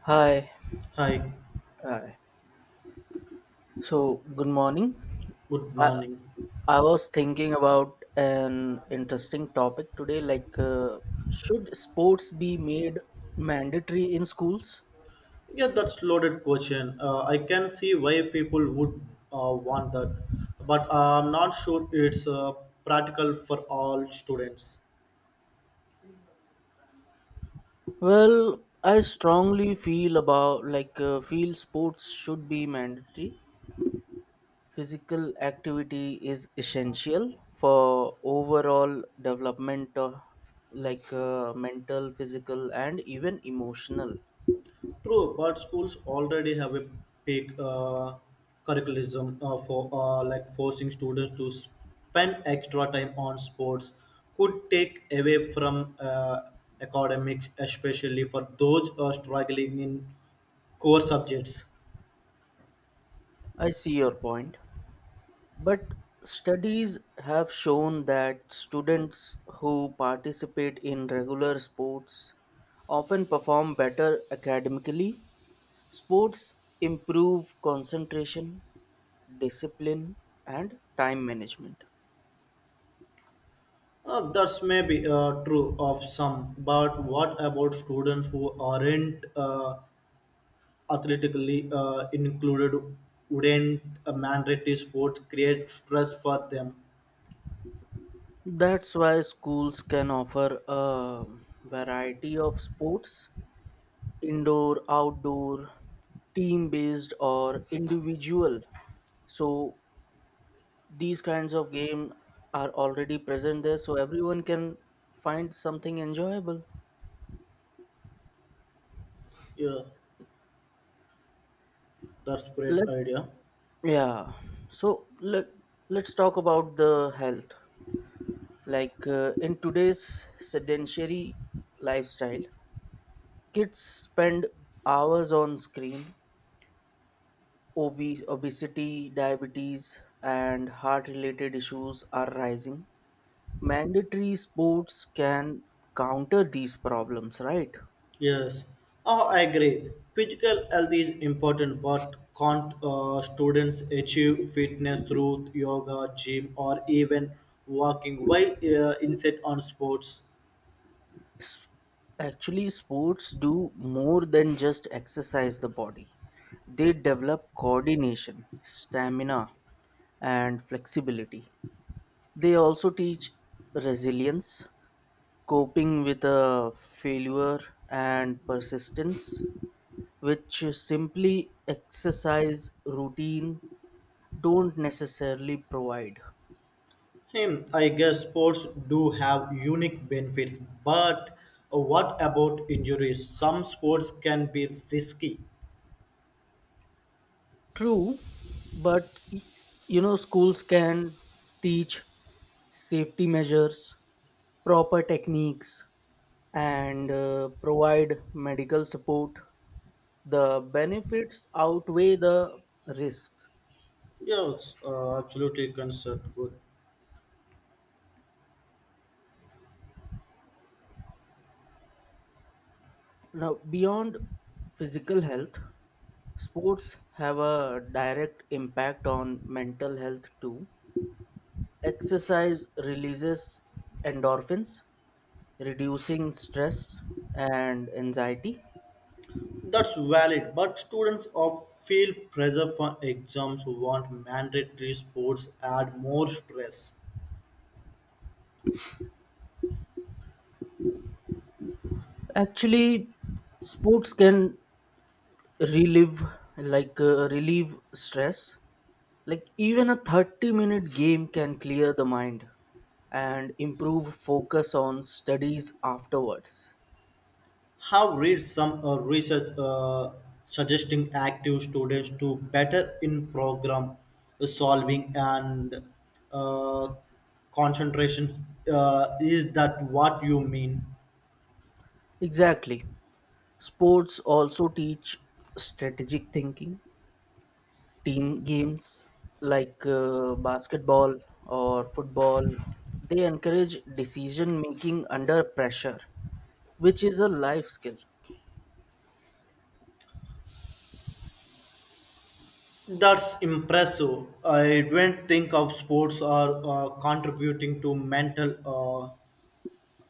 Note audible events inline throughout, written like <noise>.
Hi. Hi, Hi. So, good morning. good I morning. I was thinking about an interesting topic today, should sports be made mandatory in schools? Yeah, that's loaded question. I can see why people would want that, but I'm not sure it's practical for all students. Well, I strongly feel about like feel sports should be mandatory. Physical activity is essential for overall development of mental, physical, and even emotional. True, but schools already have a big curriculum for like forcing students to spend extra time on sports could take away from academics, especially for those struggling in core subjects. I see your point. But studies have shown that students who participate in regular sports often perform better academically. Sports improve concentration, discipline, and time management. That's maybe true of some, but what about students who aren't athletically included? Wouldn't a mandatory sports create stress for them? That's why schools can offer a variety of sports, indoor, outdoor, team based, or individual, so these kinds of game are already present there so everyone can find something enjoyable. Yeah, that's great let idea. yeah so let let's talk about the health, in today's sedentary lifestyle kids spend hours on screen. Obese Obesity, diabetes and heart related issues are rising. Mandatory sports can counter these problems, right? Yes, oh, I agree. Physical health is important, but can't students achieve fitness through yoga, gym, or even walking? Why insist on sports? Actually, sports do more than just exercise the body. They develop coordination, stamina, and flexibility. They also teach resilience, coping with a failure, and persistence, which simply exercise routine don't necessarily provide. Hmm, I guess sports do have unique benefits, but what about injuries? Some sports can be risky. True, but y- schools can teach safety measures, proper techniques, and provide medical support. The benefits outweigh the risks. Yes, absolutely concerned. Good. Now, beyond physical health, sports have a direct impact on mental health too. Exercise releases endorphins, reducing stress and anxiety. That's valid, but students of feel pressure for exams who want mandatory sports add more stress. Actually, sports can relieve relieve stress. Like even a 30-minute game can clear the mind and improve focus on studies afterwards. Have read some research suggesting active students to better in program solving and uh, concentration, is that what you mean? Exactly. Sports also teach strategic thinking. Team games basketball or football, they encourage decision making under pressure, which is a life skill. That's impressive, I don't think of sports are contributing to mental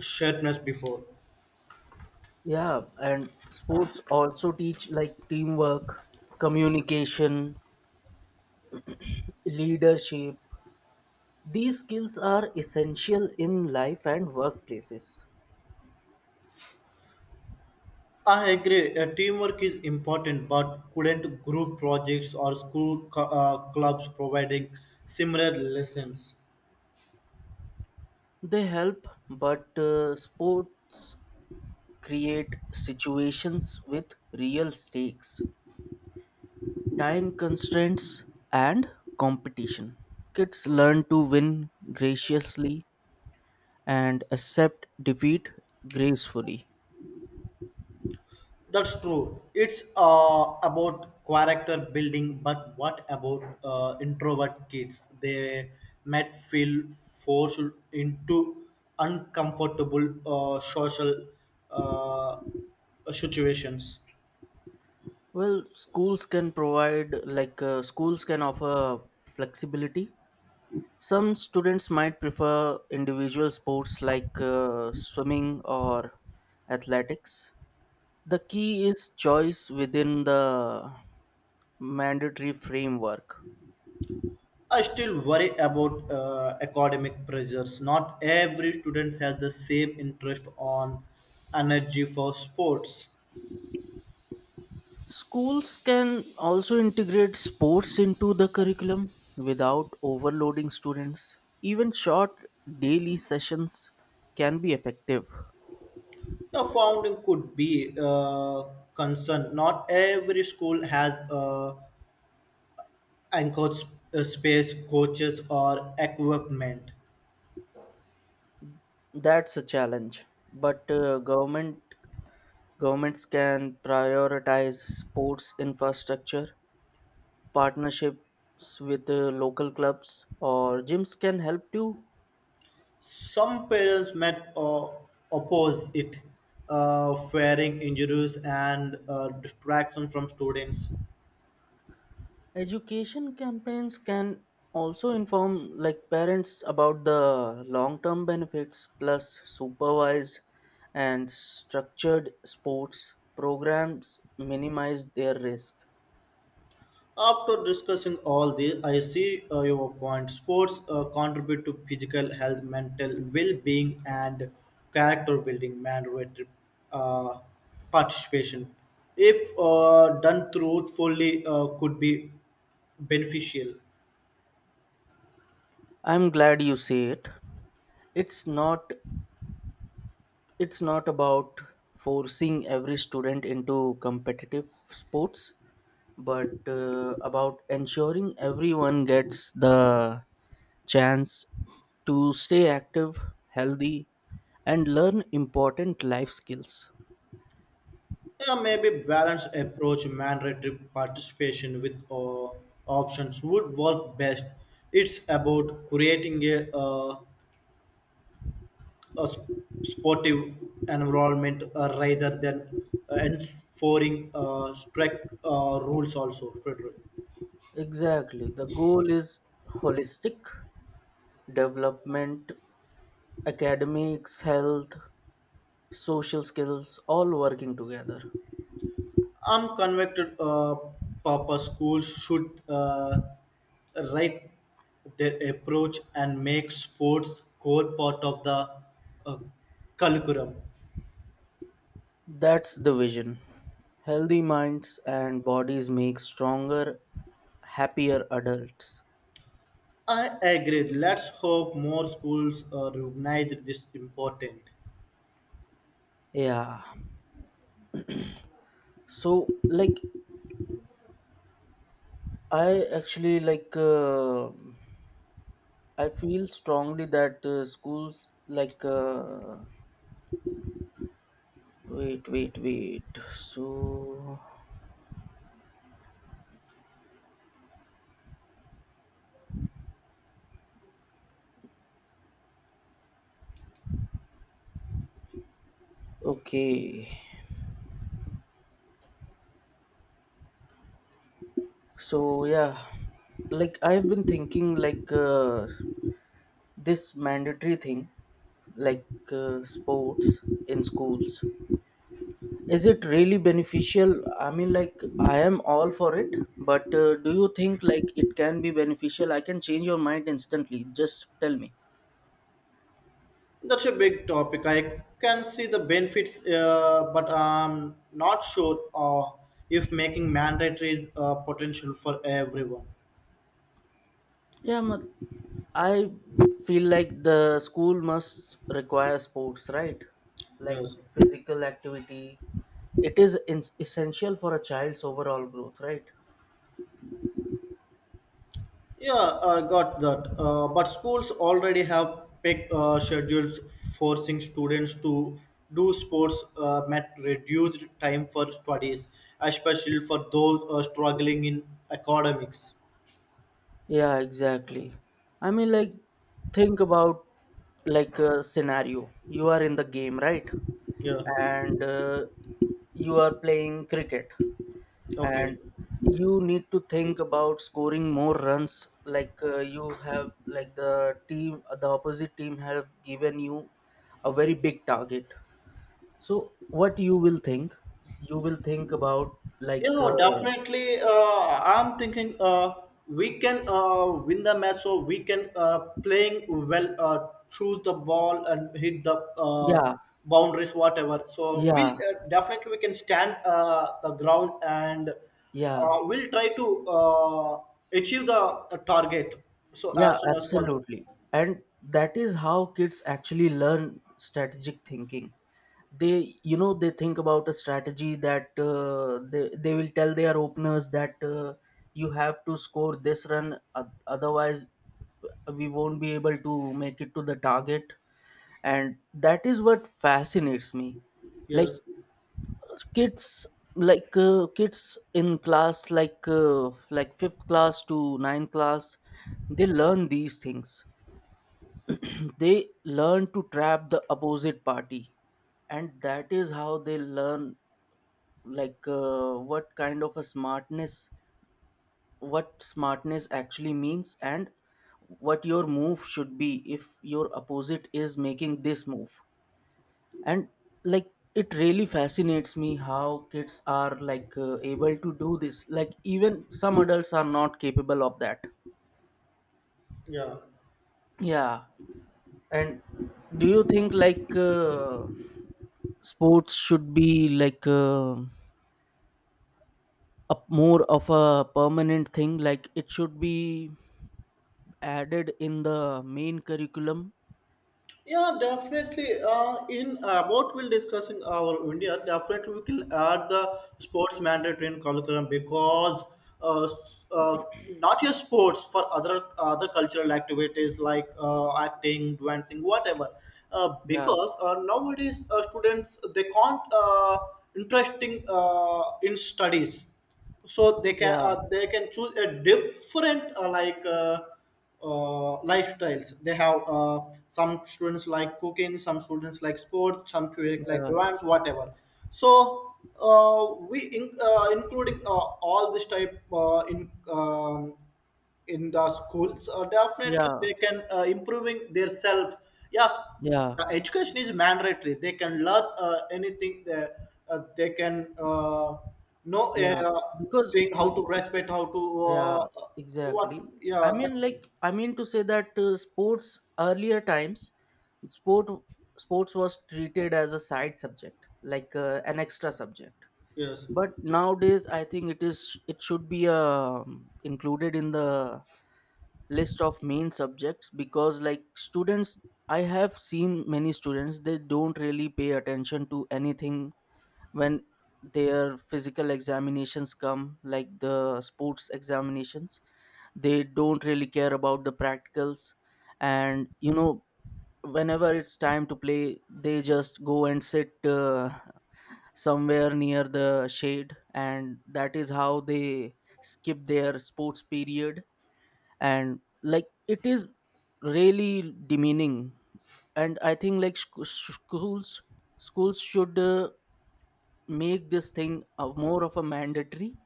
sharpness before. Yeah, and sports also teach like teamwork, communication, leadership. These skills are essential in life and workplaces. I agree. Teamwork is important, but couldn't group projects or school clubs providing similar lessons? They help, but sports create situations with real stakes, time constraints, and competition. Kids learn to win graciously and accept defeat gracefully. That's true. It's about character building, but what about introvert kids? They might feel forced into uncomfortable social uh, situations. Well, schools can offer flexibility. Some students might prefer individual sports swimming or athletics. The key is choice within the mandatory framework. I still worry about academic pressures. Not every student has the same interest on energy for sports. Schools can also integrate sports into the curriculum without overloading students. Even short daily sessions can be effective. The founding could be a concern. Not every school has a anchored space, coaches, or equipment. That's a challenge, but governments can prioritize sports infrastructure. Partnerships with local clubs or gyms can help too. Some parents might oppose it, fearing injuries and distraction from students. Education campaigns can also inform like parents about the long-term benefits, plus supervised and structured sports programs minimize their risk. After discussing all this, I see your point. Sports contribute to physical health, mental well being, and character building, mandatory uh, participation. If done truthfully, could be beneficial. I'm glad you say it. It's not it's not about forcing every student into competitive sports but about ensuring everyone gets the chance to stay active, healthy, and learn important life skills. Yeah, maybe balanced approach mandatory participation with options would work best. It's about creating a sportive environment rather than enforcing strict rules also. Strict rule. Exactly, the goal is holistic development, academics, health, social skills, all working together. I'm convicted, Papa schools should write their approach and make sports core part of the uh, curriculum. That's the vision. Healthy minds and bodies make stronger, happier adults. I agree. Let's hope more schools recognize this important. Yeah. So like I actually like I feel strongly that schools wait. So okay. So yeah. Like I've been thinking this mandatory thing like sports in schools, is it really beneficial? I mean, like, I am all for it but do you think like it can be beneficial? I can change your mind instantly, just tell me. That's a big topic. I can see the benefits, but I'm not sure if making mandatory is potential for everyone. Yeah ma- i feel like the school must require sports, right? like Yes. Physical activity, it is essential for a child's overall growth, right? Yeah, I got that. But schools already have picked schedules forcing students to do sports at reduced time for studies, especially for those struggling in academics. Yeah, exactly. I mean, like, think about like a scenario. You are in the game, right? Yeah. And you are playing cricket, Okay. and you need to think about scoring more runs. You have, like the team, the opposite team have given you a very big target. So, what you will think? You will think about like, Yeah, uh, definitely. I'm thinking we can win the match, so we can playing well through the ball and hit the yeah, boundaries, whatever. So we yeah, definitely we can stand the ground and yeah. We'll try to achieve the target so Yeah, as soon as possible. absolutely. And that is how kids actually learn strategic thinking. They, you know, they think about a strategy that they will tell their openers that you have to score this run, otherwise we won't be able to make it to the target. And that is what fascinates me. Like Yes. kids in class like fifth class to ninth class, they learn these things <clears throat> they learn to trap the opposite party and that is how they learn what kind of a smartness, what smartness actually means, and what your move should be if your opposite is making this move. And like it really fascinates me how kids are able to do this, like even some adults are not capable of that. Yeah. Yeah. And do you think sports should be like a more of a permanent thing, like it should be added in the main curriculum? Yeah, definitely. In about we'll discussing our India, definitely we can add the sports mandatory in curriculum because uh, s- uh, not just sports for other cultural activities like acting, dancing, whatever. Uh, Yeah, because uh, nowadays students they can't interesting in studies, so they can yeah, uh, they can choose a different lifestyles they have, some students like cooking, some students like sports, some students like yeah, dance, whatever. So we in, including all this type in the schools definitely yeah, they can improving themselves. Yes, yeah, the education is mandatory, they can learn anything they can know yeah, because thing uh, how to respect, how to yeah, uh, what exactly. I yeah that, mean, like, I mean to say that sports earlier times, sport sports was treated as a side subject, an extra subject. yes, But nowadays, I think it should be included in the list of main subjects because, like, students, I have seen many students, they don't really pay attention to anything when their physical examinations come, like the sports examinations, they don't really care about the practicals and you know, whenever it's time to play they just go and sit somewhere near the shade, and that is how they skip their sports period. And like it is really demeaning, and I think schools, schools should make this thing a more of a mandatory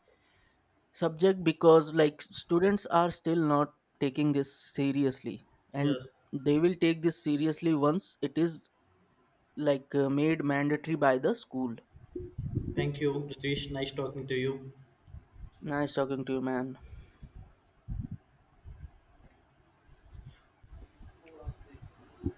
subject, because like students are still not taking this seriously, and yes. they will take this seriously once it is made mandatory by the school. Thank you, Ritesh. Nice talking to you. Nice talking to you, man.